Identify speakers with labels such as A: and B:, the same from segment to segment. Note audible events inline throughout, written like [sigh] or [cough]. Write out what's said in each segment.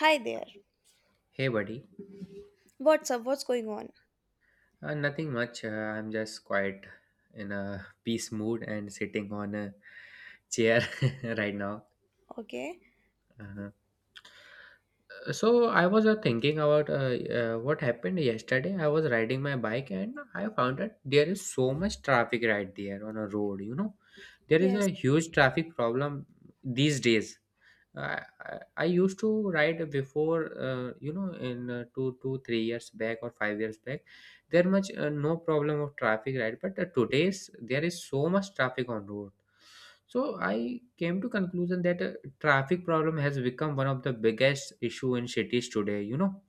A: Hi there.
B: Hey, buddy.
A: What's up? What's going on?
B: Nothing much. I'm just quite in a peace mood and sitting on a chair [laughs] right now.
A: Okay.
B: Uh-huh. So I was thinking about what happened yesterday. I was riding my bike and I found that there is so much traffic right there on a road. There is
A: Yes.
B: a huge traffic problem these days. I used to ride before, in 3 years back or 5 years back, there much no problem of traffic, right? But today's there is so much traffic on road. So I came to conclusion that traffic problem has become one of the biggest issue in cities today.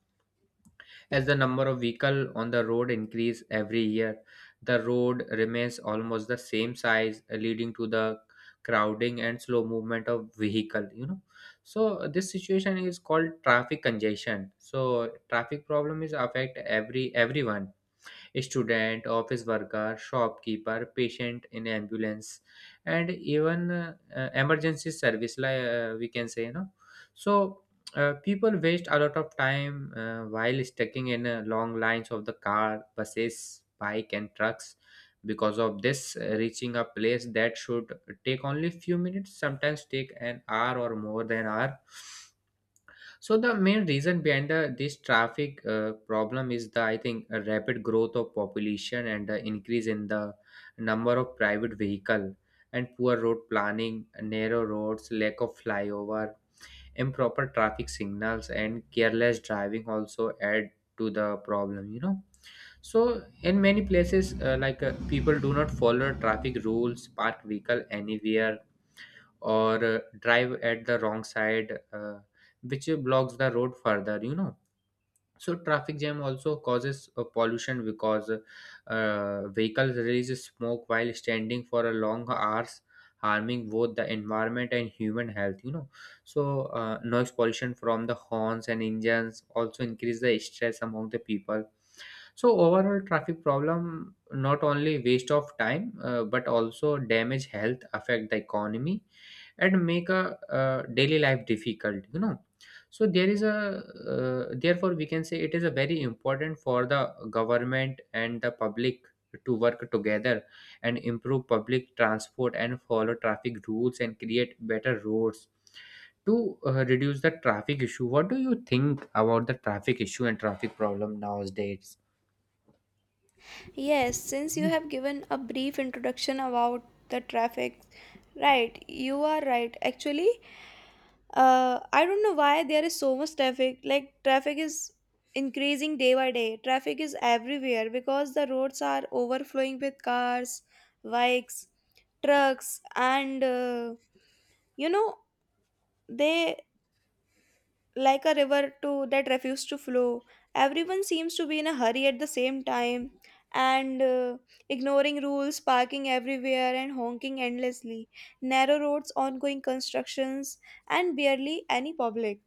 B: As the number of vehicles on the road increase every year, the road remains almost the same size, leading to the crowding and slow movement of vehicle. So this situation is called traffic congestion. So traffic problem is affect everyone student, office worker, shopkeeper, patient in ambulance, and even emergency service, like we can say. So people waste a lot of time while stucking in long lines of the car, buses, bike, and trucks. Because of this, reaching a place that should take only few minutes, sometimes take an hour or more than hour. So the main reason behind this traffic problem is the, I think, a rapid growth of population and the increase in the number of private vehicle, and poor road planning, narrow roads, lack of flyover, improper traffic signals, and careless driving also add to the problem. So in many places like people do not follow traffic rules, park vehicle anywhere or drive at the wrong side, which blocks the road further. So traffic jam also causes pollution because vehicles release smoke while standing for a long hours, harming both the environment and human health, you know So noise pollution from the horns and engines also increase the stress among the people. So overall traffic problem not only waste of time, but also damage health, affect the economy, and make a daily life difficult. So there is a Therefore, we can say it is a very important for the government and the public to work together and improve public transport and follow traffic rules and create better roads to reduce the traffic issue. What do you think about the traffic issue and traffic problem nowadays?
A: Yes, since you have given a brief introduction about the traffic, right, you are right. Actually, I don't know why there is so much traffic. Like, traffic is increasing day by day. Traffic is everywhere because the roads are overflowing with cars, bikes, trucks, and you know, they like a river too that refused to flow. Everyone seems to be in a hurry at the same time and ignoring rules, parking everywhere, and honking endlessly. Narrow roads, ongoing constructions, and barely any public,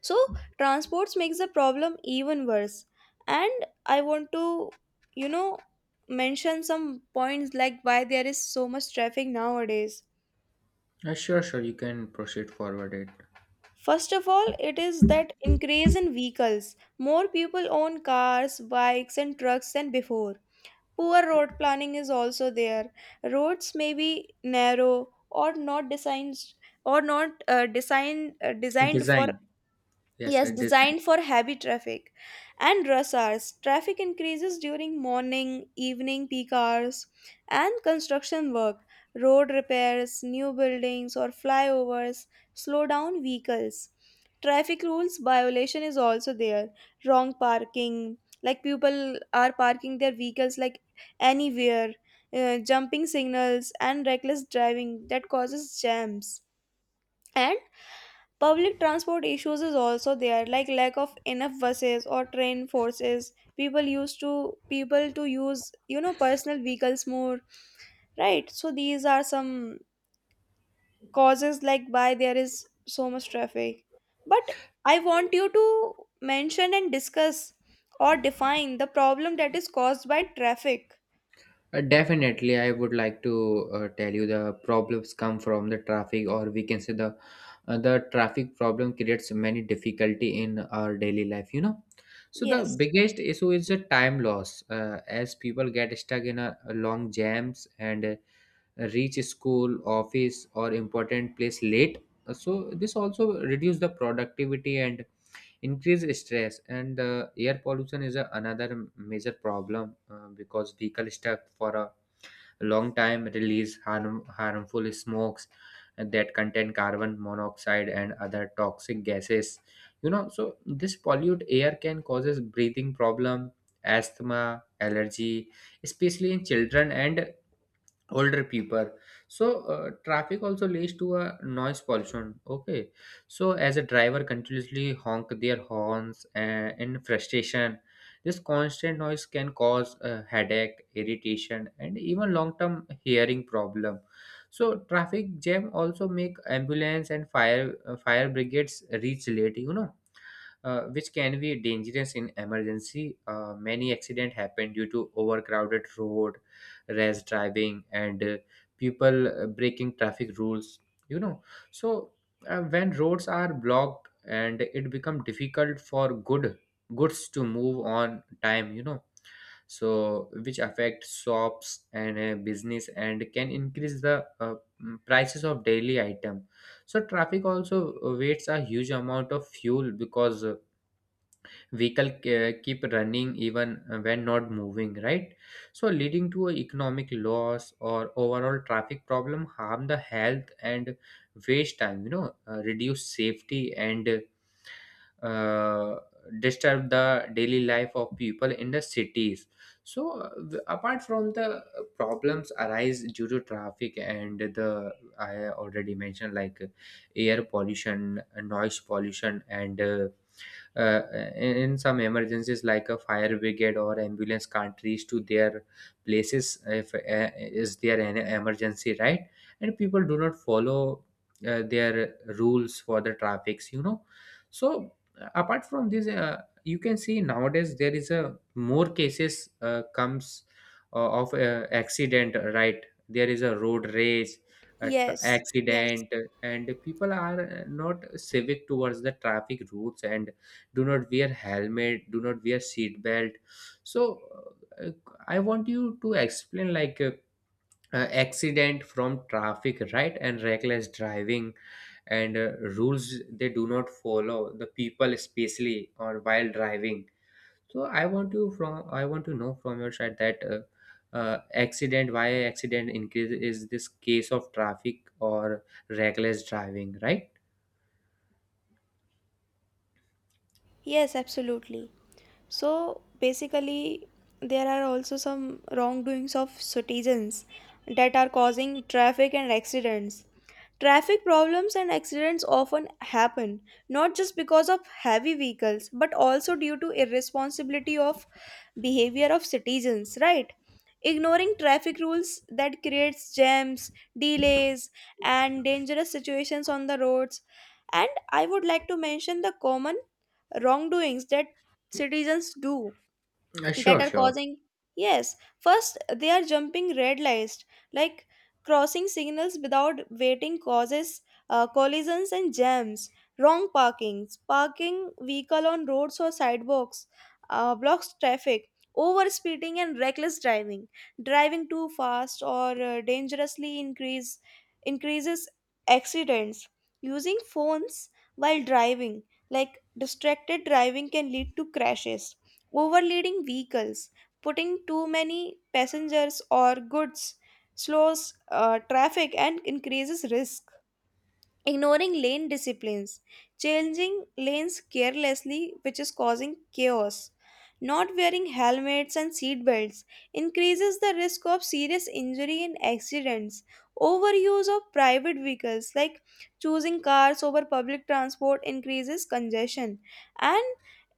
A: so transports makes the problem even worse. And I want to you know mention some points like why there is so much traffic nowadays.
B: Sure, sure. You can proceed forward it.
A: First of all, it is that increase in vehicles. More people own cars, bikes, and trucks than before. Poor road planning is also there. Roads may be narrow or not designed, or not designed, for.
B: Design. Yes,
A: Yes, designed
B: design.
A: for heavy traffic and rush hours. Traffic increases during morning, evening peak hours, and construction work. Road repairs, new buildings, or flyovers slow down vehicles. Traffic rules violation is also there. Wrong parking, like people are parking their vehicles like anywhere, jumping signals, and reckless driving that causes jams. And public transport issues is also there, like lack of enough buses or train forces. People used to people to use personal vehicles more, right? So these are some causes like why there is so much traffic. But I want you to mention and discuss or define the problem that is caused by traffic.
B: Definitely, I would like to tell you the problems come from the traffic, or we can say the traffic problem creates many difficulty in our daily life. So the
A: Yes.
B: biggest issue is the time loss, as people get stuck in a long jams and reach school, office, or important place late. So this also reduce the productivity and increased stress, and air pollution is another major problem because vehicle stuck for a long time release harmful smokes that contain carbon monoxide and other toxic gases. So this polluted air can causes breathing problem, asthma, allergy, especially in children and older people. So traffic also leads to a noise pollution, okay. So as a driver continuously honk their horns in frustration, this constant noise can cause headache, irritation, and even long term hearing problem. So traffic jam also make ambulance and fire brigades reach late, which can be dangerous in emergency. Many accident happen due to overcrowded road, rash driving, and people breaking traffic rules. You know, so when roads are blocked, and it become difficult for goods to move on time. So which affect shops and business and can increase the prices of daily item. So traffic also wastes a huge amount of fuel because vehicle keep running even when not moving, right. So leading to a economic loss, or overall traffic problem harm the health and waste time, reduce safety, and uh, disturb the daily life of people in the cities. So apart from the problems arise due to traffic, and the I already mentioned, like air pollution, noise pollution, and uh, in some emergencies, like a fire brigade or ambulance can't reach to their places if is there an emergency, right. And people do not follow their rules for the traffics. So apart from this you can see nowadays there is a more cases comes of accident, right. There is a road rage,
A: Yes. Yes.
B: accident, and people are not civic towards the traffic rules and do not wear helmet, do not wear seat belt. So I want you to explain like accident from traffic, right, and reckless driving, and rules they do not follow the people especially or while driving. So I want to know from your side that accident, why accident increase, is this case of traffic or reckless driving, right?
A: Yes, absolutely. So basically, there are also some wrongdoings of citizens that are causing traffic and accidents. Traffic problems and accidents often happen not just because of heavy vehicles but also due to irresponsibility of behavior of citizens, right? Ignoring traffic rules that creates jams, delays, and dangerous situations on the roads. And I would like to mention the common wrongdoings that citizens do that
B: Sure,
A: are
B: sure.
A: causing. Yes, first they are jumping red lights, like crossing signals without waiting causes collisions and jams. Wrong parkings, parking vehicle on roads or sidewalks, blocks traffic. Over speeding and reckless driving, driving too fast or dangerously, increases accidents. Using phones while driving, like distracted driving, can lead to crashes. Overloading vehicles, putting too many passengers or goods, slows traffic and increases risk. Ignoring lane disciplines, changing lanes carelessly, which is causing chaos. Not wearing helmets and seat belts increases the risk of serious injury and accidents. Overuse of private vehicles, like choosing cars over public transport, increases congestion, and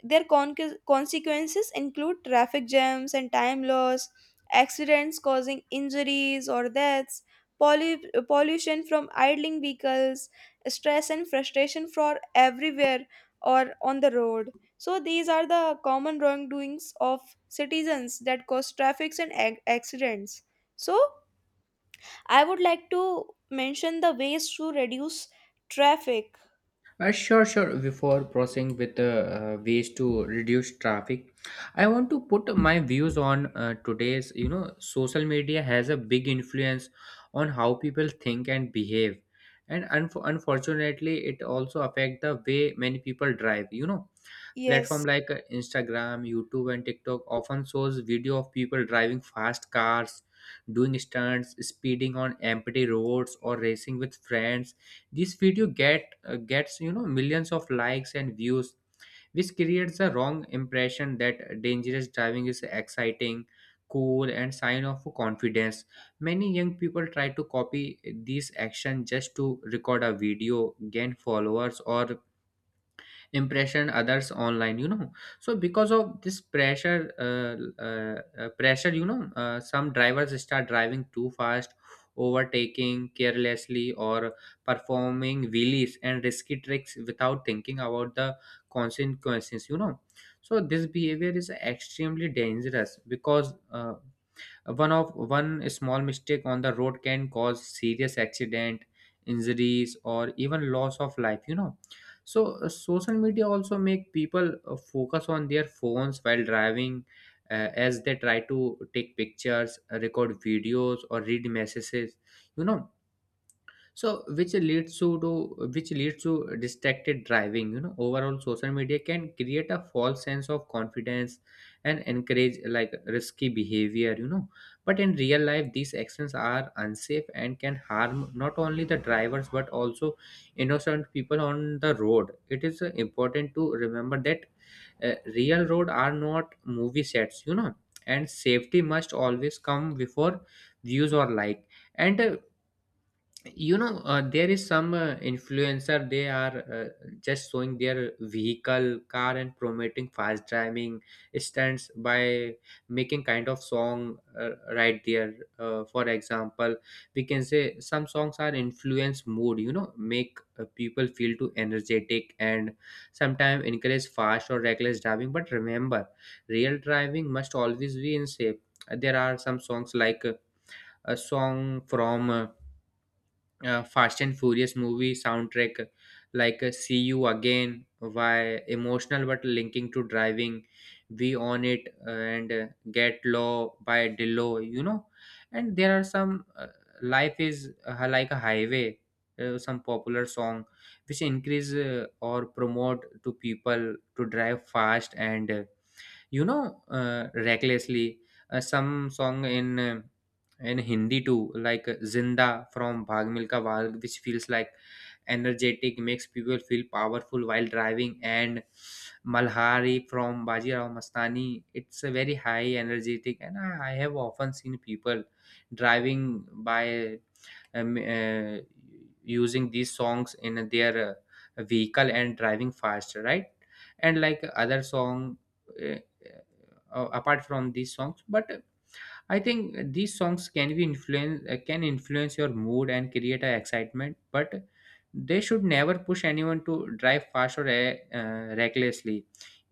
A: their consequences include traffic jams and time loss, accidents causing injuries or deaths, pollution from idling vehicles, stress and frustration for everywhere or on the road. So these are the common wrongdoings of citizens that cause traffics and accidents. So I would like to mention the ways to reduce traffic.
B: Sure, sure. Before proceeding with ways to reduce traffic, I want to put my views on today's. Social media has a big influence on how people think and behave, and unfortunately, it also affect the way many people drive.
A: Yes.
B: Platform like Instagram, YouTube, and TikTok often shows video of people driving fast cars, doing stunts, speeding on empty roads, or racing with friends. This video gets millions of likes and views, which creates a wrong impression that dangerous driving is exciting, cool, and sign of confidence. Many young people try to copy these actions just to record a video, gain followers, or impression others online. So because of this pressure , some drivers start driving too fast, overtaking carelessly, or performing wheelies and risky tricks without thinking about the consequences. So this behavior is extremely dangerous because one small mistake on the road can cause serious accident, injuries, or even loss of life. So social media also make people focus on their phones while driving, as they try to take pictures, record videos, or read messages. You know so which leads to distracted driving. Overall, social media can create a false sense of confidence and encourage like risky behavior. But in real life, these actions are unsafe and can harm not only the drivers but also innocent people on the road. It is important to remember that real road are not movie sets, and safety must always come before views or like. And there is some influencer, they are just showing their vehicle car and promoting fast driving stunts by making kind of song, right there. For example, we can say some songs are influence mood, make people feel too energetic, and sometimes encourage fast or reckless driving, but remember, real driving must always be in shape. There are some songs, like a song from Fast and Furious movie soundtrack, like See You Again, why emotional but linking to driving, We On It, and Get Low by Dillo, you know And there are some Life is Like a Highway, some popular song which increase or promote to people to drive fast and recklessly. Some song in Hindi too, like Zinda from Bhag Milka Bhag, which feels like energetic, makes people feel powerful while driving. And Malhari from Bajirao Mastani, it's a very high energetic, and I have often seen people driving by um, uh, using these songs in their vehicle and driving faster, right. And like other song, uh, apart from these songs. But I think these songs can influence your mood and create a excitement, but they should never push anyone to drive fast or recklessly.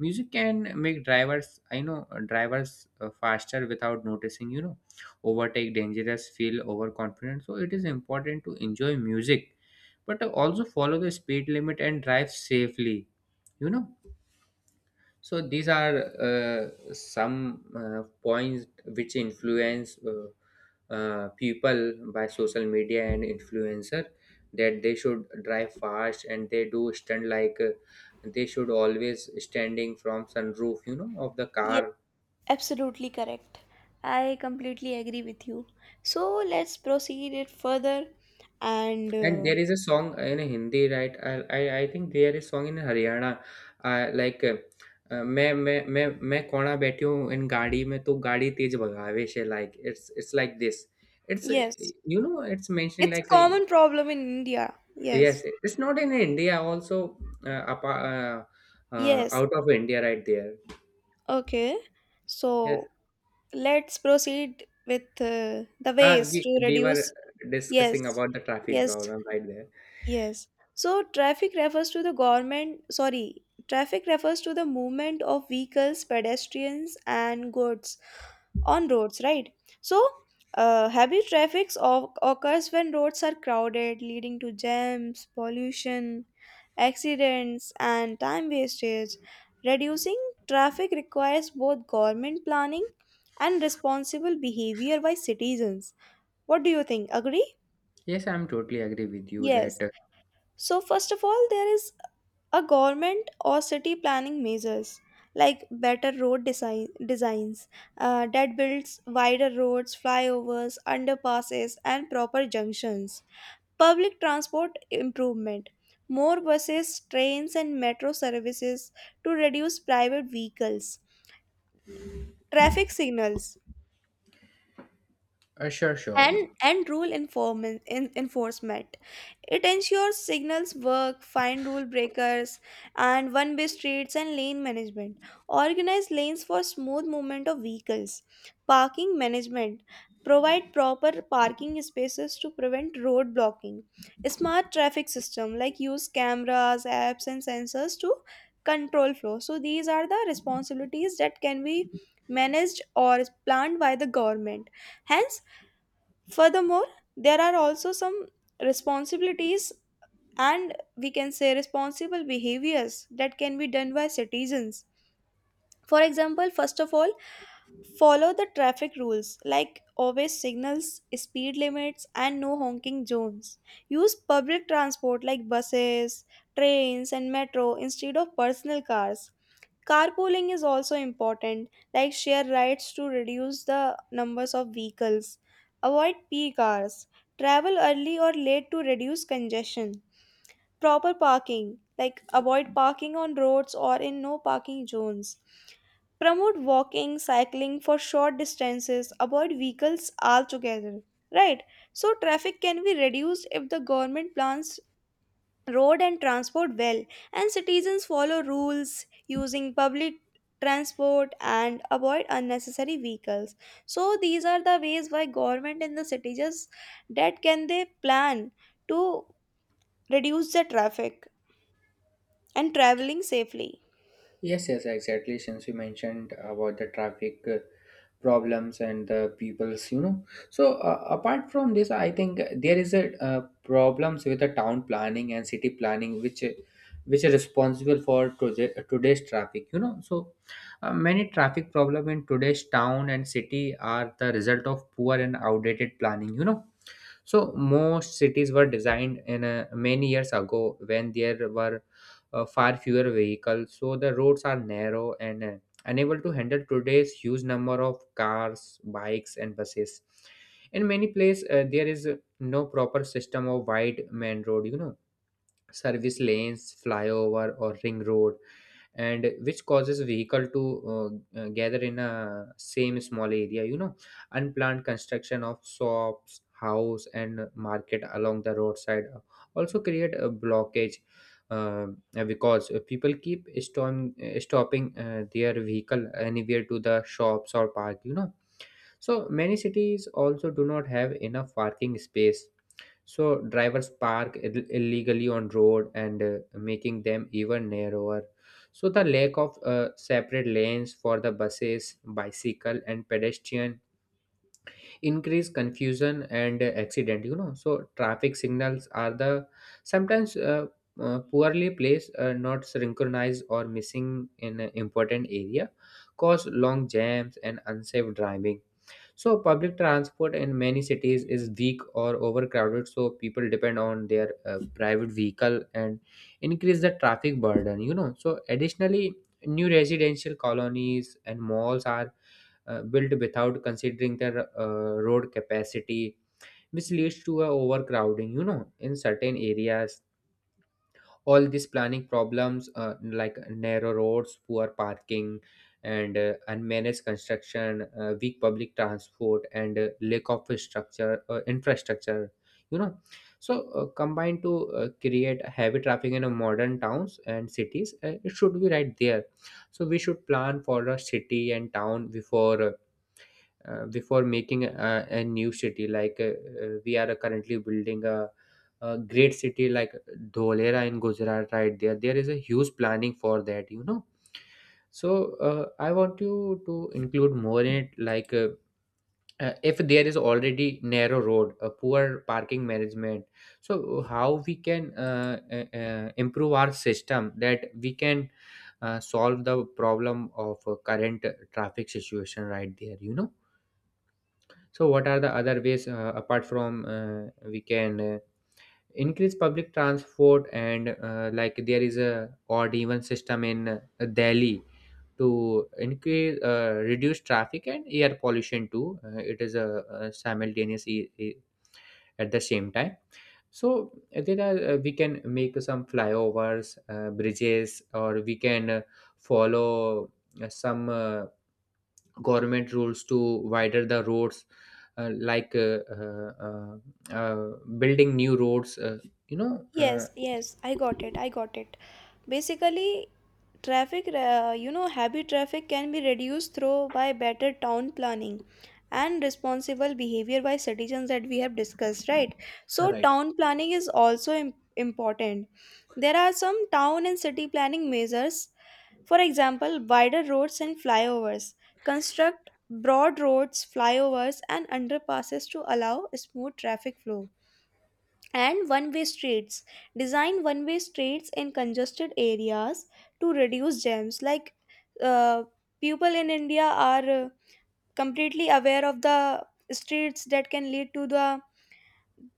B: Music can make drivers, I know drivers faster without noticing, overtake dangerous, feel overconfident. So it is important to enjoy music but also follow the speed limit and drive safely, you know So these are some points which influence people by social media and influencer, that they should drive fast and they do stand like they should always standing from sunroof of the
A: Yes,
B: car.
A: absolutely correct. I completely agree with you. So let's proceed it further. And
B: And there is a song in Hindi, right? I think there is song in Haryana, uh, like uh, मैं मैं कोना बैठी हूँ इन गाड़ी में तो गाड़ी तेज भगावे से, like it's like this. It's
A: Yes,
B: You know, it's mentioning
A: it's a
B: like a,
A: common problem in India. Yes.
B: yes, it's not in India also. Apa
A: Yes.
B: Out of India right there,
A: Okay.
B: yes.
A: So let's proceed with the
B: uh,
A: ways
B: we
A: to
B: we were
A: reduce. Yes,
B: discussing about the traffic
A: yes,
B: problem right there.
A: yes. So, traffic refers to the government, sorry, traffic refers to the movement of vehicles, pedestrians, and goods on roads, right? So, heavy traffic occurs when roads are crowded, leading to jams, pollution, accidents, and time wastage. Reducing traffic requires both government planning and responsible behavior by citizens. What do you think? Agree?
B: Yes, I'm totally agree with you
A: Yes.
B: that.
A: So, first of all, there is a government or city planning measures like better road designs that builds wider roads, flyovers, underpasses, and proper junctions. Public transport improvement. More buses, trains, and metro services to reduce private vehicles. Traffic signals
B: Sure, sure.
A: and rule enforcement, it ensures signals work, find rule breakers. And one way streets and lane management, organize lanes for smooth movement of vehicles. Parking management, provide proper parking spaces to prevent road blocking. Smart traffic system, like use cameras, apps, and sensors to control flow. So these are the responsibilities that can be managed or planned by the government, hence. Furthermore, there are also some responsibilities, and we can say responsible behaviors that can be done by citizens. For example, first of all, follow the traffic rules like always signals, speed limits, and no honking zones. Use public transport like buses, trains, and metro instead of personal cars. Carpooling is also important, like share rides to reduce the numbers of vehicles. Avoid peak hours. Travel early or late to reduce congestion. Proper parking, like avoid parking on roads or in no parking zones. Promote walking, cycling for short distances. Avoid vehicles altogether. Right? So, traffic can be reduced if the government plans road and transport well, and citizens follow rules, using public transport and avoid unnecessary vehicles. So these are the ways why government in the city just that can they plan to reduce the traffic and traveling safely.
B: Yes, yes, exactly. Since you mentioned about the traffic problems and the people's, you know. So, apart from this, I think there is a problems with the town planning and city planning, which are responsible for today, today's traffic, you know. So, many traffic problem in today's town and city are the result of poor and outdated planning, you know. So most cities were designed in many years ago when there were far fewer vehicles. So the roads are narrow and unable to handle today's huge number of cars, bikes, and buses. In many places, there is no proper system of wide main road, you know, service lanes, flyover, or ring road, and which causes vehicle to gather in a same small area, you know. Unplanned construction of shops, house, and market along the roadside also create a blockage, uh, because people keep stopping their vehicle anywhere to the shops or park, you know. So many cities also do not have enough parking space, so drivers park illegally on road and making them even narrower. So the lack of separate lanes for the buses, bicycle, and pedestrian increase confusion and accident, you know. So traffic signals are the sometimes poorly placed, not synchronized, or missing in an important area, cause long jams and unsafe driving. So public transport in many cities is weak or overcrowded, so people depend on their private vehicle and increase the traffic burden, you know. So additionally, new residential colonies and malls are built without considering their road capacity, which leads to a overcrowding, you know, in certain areas. All these planning problems, like narrow roads, poor parking, and unmanaged construction, weak public transport, and lack of structure infrastructure, you know, so combined to create heavy traffic in a modern towns and cities, it should be right there. So we should plan for a city and town before before making a new city like we are currently building a great city like Dholera in Gujarat, right there. There is a huge planning for that, you know. So I want you to include more in it like if there is already narrow road, a poor parking management. So how we can improve our system that we can solve the problem of current traffic situation right there, you know. So, what are the other ways apart from we can increase public transport and like there is a odd even system in Delhi to increase reduce traffic and air pollution too. It is a simultaneous at the same time. So, there are we can make some flyovers, bridges, or we can follow some. Government rules to widen the roads, uh, like uh, uh, uh, uh, building new roads. You know uh,
A: Yes, yes, I got it. I got it. Basically, traffic, you know, heavy traffic can be reduced through by better town planning and responsible behavior by citizens that we have discussed, right? So, town planning is also important. There are some town and city planning measures, for example, wider roads and flyovers. Construct broad roads, flyovers, and underpasses to allow smooth traffic flow. And one-way streets, design one-way streets in congested areas to reduce jams. Like uh, people in India are completely aware of the streets that can lead to the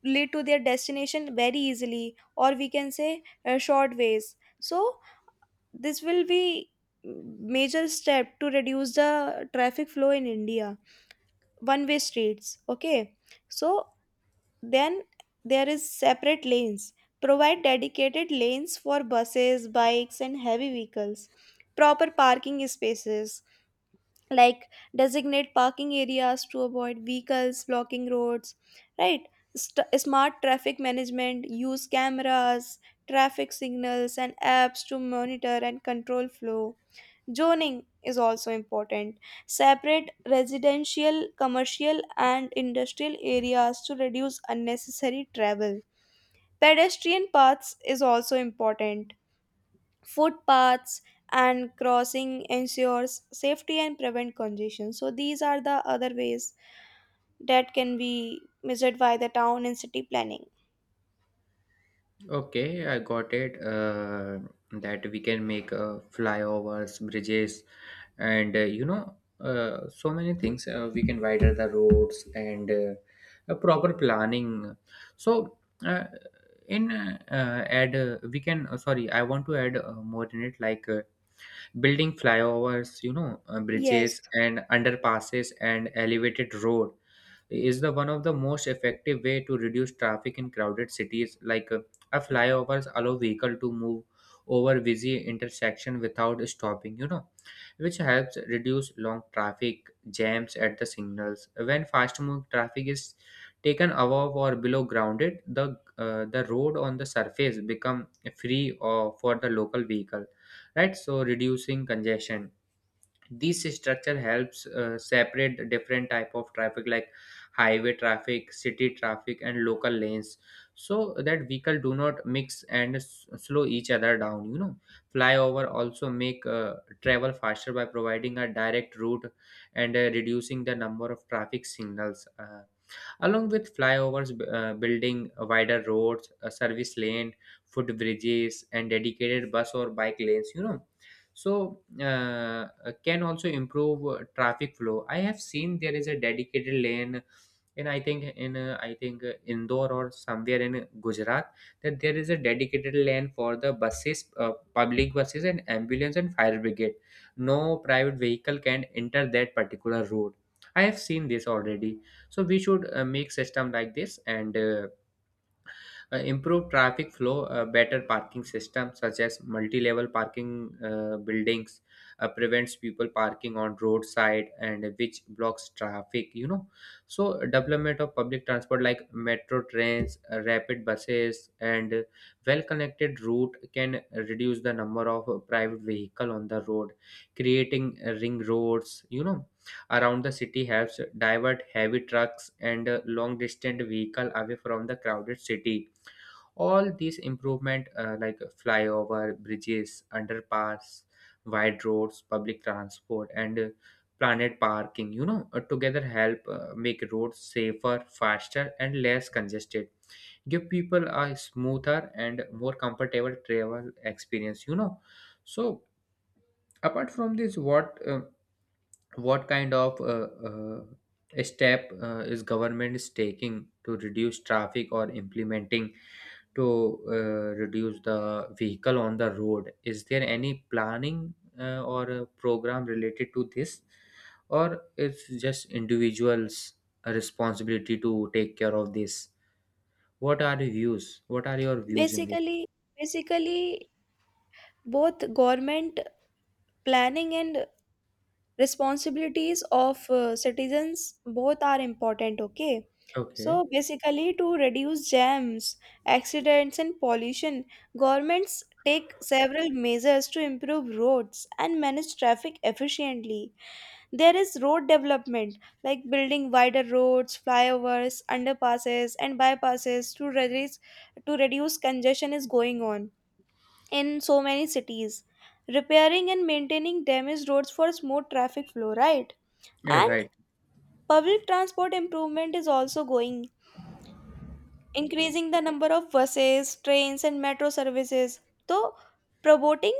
A: lead to their destination very easily, or we can say short ways. So this will be major step to reduce the traffic flow in India. One way streets, okay. So then there is separate lanes. Provide dedicated lanes for buses, bikes, and heavy vehicles. Proper parking spaces, like designate parking areas to avoid vehicles blocking roads, right? Smart traffic management, use cameras, traffic signals, and apps to monitor and control flow. Zoning is also important. Separate residential, commercial, and industrial areas to reduce unnecessary travel. Pedestrian paths is also important. Footpaths and crossing ensures safety and prevent congestion. So these are the other ways that can be measured by the town and city planning.
B: okay, I got it that we can make flyovers bridges and you know so many things we can widen the roads and a proper planning so uh, in add we can sorry I want to add more in it like building flyovers you know
A: Yes,
B: bridges and underpasses and elevated road is the one of the most effective way to reduce traffic in crowded cities like a flyovers allow vehicle to move over busy intersection without stopping you know which helps reduce long traffic jams at the signals when fast moving traffic is taken above or below grounded the road on the surface become free or for the local vehicle right so reducing congestion this structure helps separate the different type of traffic like highway traffic city traffic and local lanes so that vehicle do not mix and s- slow each other down you know flyover also make travel faster by providing a direct route and reducing the number of traffic signals along with flyovers, building wider roads, a service lane, footbridges, and dedicated bus or bike lanes. You know, so can also improve traffic flow. I have seen there is a dedicated lane in I think indore or somewhere in gujarat that there is a dedicated lane for the buses public buses and ambulance and fire brigade no private vehicle can enter that particular road I have seen this already so we should make system like this and improve traffic flow, better parking systems such as multi-level parking buildings prevents people parking on roadside and which blocks traffic. You know, so development of public transport like metro trains, rapid buses, and well-connected route can reduce the number of private vehicle on the road. Creating ring roads, you know, around the city helps divert heavy trucks and long distance vehicle away from the crowded city all these improvement like flyover bridges underpass wide roads public transport and planet parking you know together help make roads safer faster and less congested give people a smoother and more comfortable travel experience you know so apart from this what kind of step is government is taking to reduce traffic or implementing to reduce the vehicle on the road. Is there any planning or a program related to this, or it's just individuals' responsibility to take care of this? What are the views? What are your views in this?
A: basically, basically both government planning and responsibilities of citizens, both are important, okay. So
B: Okay,
A: basically, to reduce jams, accidents, and pollution, governments take several measures to improve roads and manage traffic efficiently. There is road development, like building wider roads, flyovers, underpasses, and bypasses to reduce congestion is going on in so many cities. Repairing and maintaining damaged roads for smooth traffic flow, right.
B: yeah,
A: And
B: right.
A: public transport improvement is also going, increasing the number of buses, trains, and metro services. Though promoting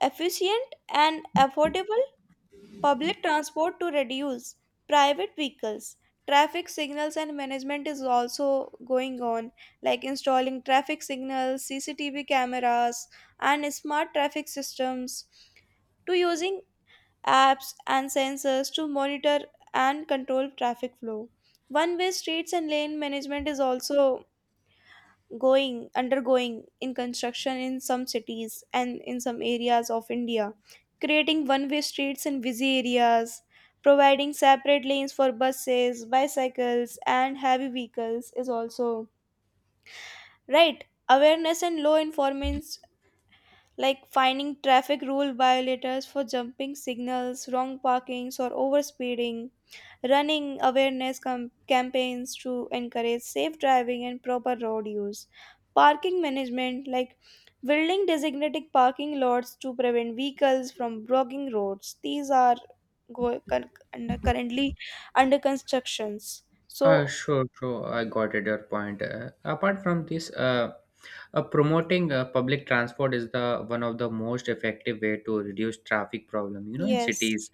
A: efficient and affordable public transport to reduce private vehicles. Traffic signals and management is also going on, like installing traffic signals, CCTV cameras, and smart traffic systems, to using apps and sensors to monitor and control traffic flow. One way streets and lane management is also going undergoing in construction in some cities and in some areas of India, creating one way streets in busy areas. Providing separate lanes for buses, bicycles, and heavy vehicles is also right. Awareness and low enforcement, like finding traffic rule violators for jumping signals, wrong parkings, or overspeeding, running awareness campaigns to encourage safe driving and proper road use. Parking management, like building designated parking lots to prevent vehicles from blocking roads. These are currently under constructions. So,
B: Sure, sure. I got it, your point. Apart from this, promoting public transport is the one of the most effective way to reduce traffic problem, you know, in
A: yes,
B: cities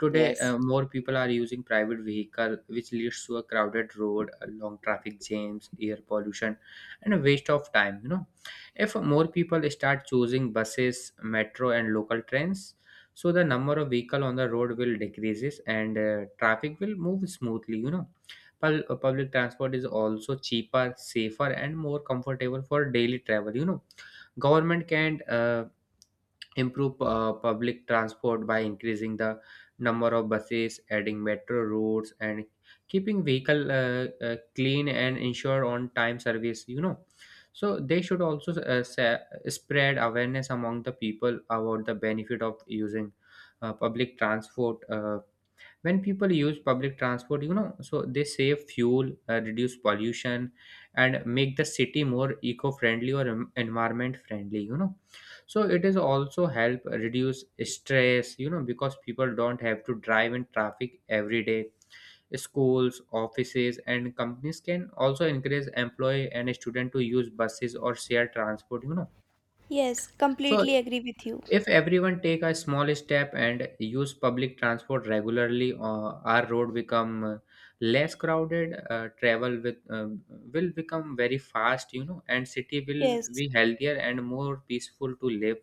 B: today.
A: yes,
B: Uh, more people are using private vehicle, which leads to a crowded road, long traffic jams, air pollution, and a waste of time, you know. If more people start choosing buses, metro, and local trains, so the number of vehicle on the road will decreases and traffic will move smoothly, you know. Public transport is also cheaper, safer, and more comfortable for daily travel, you know. Government can improve public transport by increasing the number of buses, adding metro routes, and keeping vehicle clean and ensure on-time service, you know. So they should also spread awareness among the people about the benefit of using public transport. When people use public transport, you know, so they save fuel, reduce pollution and make the city more eco-friendly or environment friendly, you know. So it is also help reduce stress, you know, because people don't have to drive in traffic every day. Schools, offices, and companies can also encourage employee and student to use buses or share transport, you know.
A: yes,
B: So
A: completely agree with you.
B: if everyone take a small step and use public transport regularly, our road become less crowded. Travel with will become very fast, you know, and city will
A: Yes,
B: be healthier and more peaceful to live.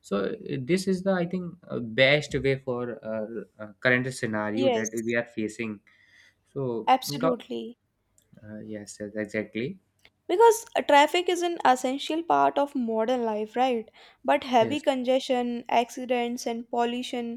B: So, this is the I think best way for current scenario that
A: yes,
B: we are facing. So
A: absolutely.
B: yes, yes, exactly.
A: Because traffic is an essential part of modern life, right, but heavy
B: Yes.
A: congestion, accidents, and pollution,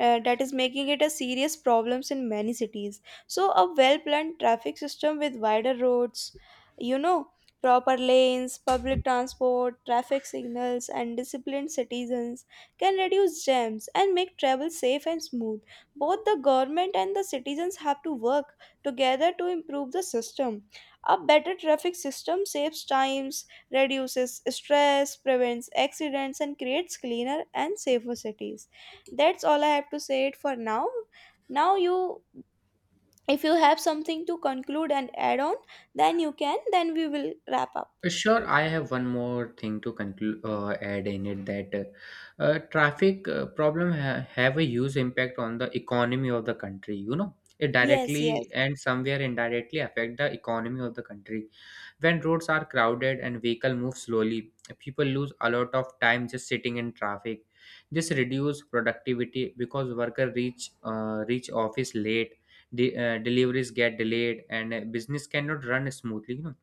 A: that is making it a serious problems in many cities. So a well planned traffic system with wider roads, you know, proper lanes, public transport, traffic signals, and disciplined citizens can reduce jams and make travel safe and smooth. Both the government and the citizens have to work together to improve the system. A better traffic system saves times, reduces stress, prevents accidents, and creates cleaner and safer cities. That's all I have to say it for now. Now you, if you have something to conclude and add on, then you can, then we will wrap up.
B: Sure, I have one more thing to conclude, add in it that traffic problem have a huge impact on the economy of the country, you know. It
A: Yes, yes,
B: directly and somewhere indirectly affect the economy of the country. When roads are crowded and vehicle move slowly, people lose a lot of time just sitting in traffic. This reduce productivity because worker reach office late. The deliveries get delayed and business cannot run smoothly, you know.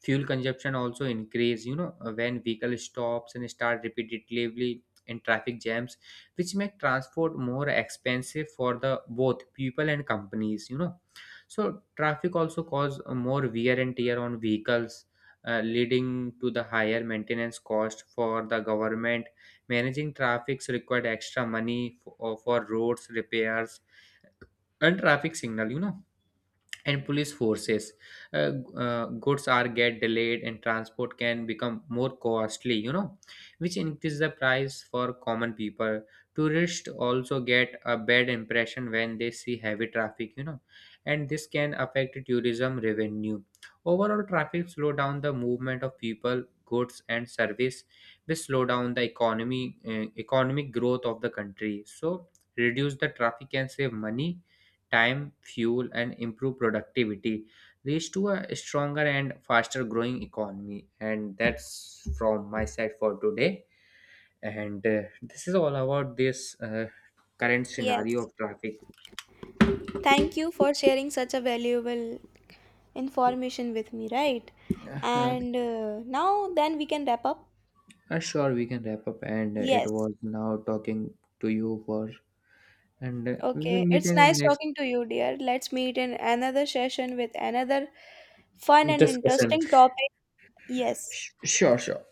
B: Fuel consumption also increase, you know, when vehicle stops and start repeatedly in traffic jams, which make transport more expensive for the both people and companies, you know. So traffic also cause more wear and tear on vehicles, leading to the higher maintenance cost for the government. Managing traffics required extra money for roads repairs and traffic signal, you know, and police forces. Uh, Goods are get delayed and transport can become more costly, you know, which increase the price for common people. Tourists also get a bad impression when they see heavy traffic, you know, and this can affect tourism revenue. Overall, traffic slow down the movement of people, goods, and service, which slow down the economy, economic growth of the country. So, reduce the traffic can save money, time, fuel, and improve productivity, leads to a stronger and faster growing economy. And that's from my side for today. And this is all about this current scenario
A: yes.
B: of traffic.
A: Thank you for sharing such a valuable information with me, right?
B: Uh,
A: And now then we can wrap up.
B: sure, we can wrap up. And it
A: Yes.
B: was now talking to you for, and we will
A: Okay,
B: meet
A: it's
B: in the
A: nice
B: next
A: talking to you, dear. Let's meet in another session with another fun and
B: discussion.
A: interesting topic. Yes.
B: Sure, sure.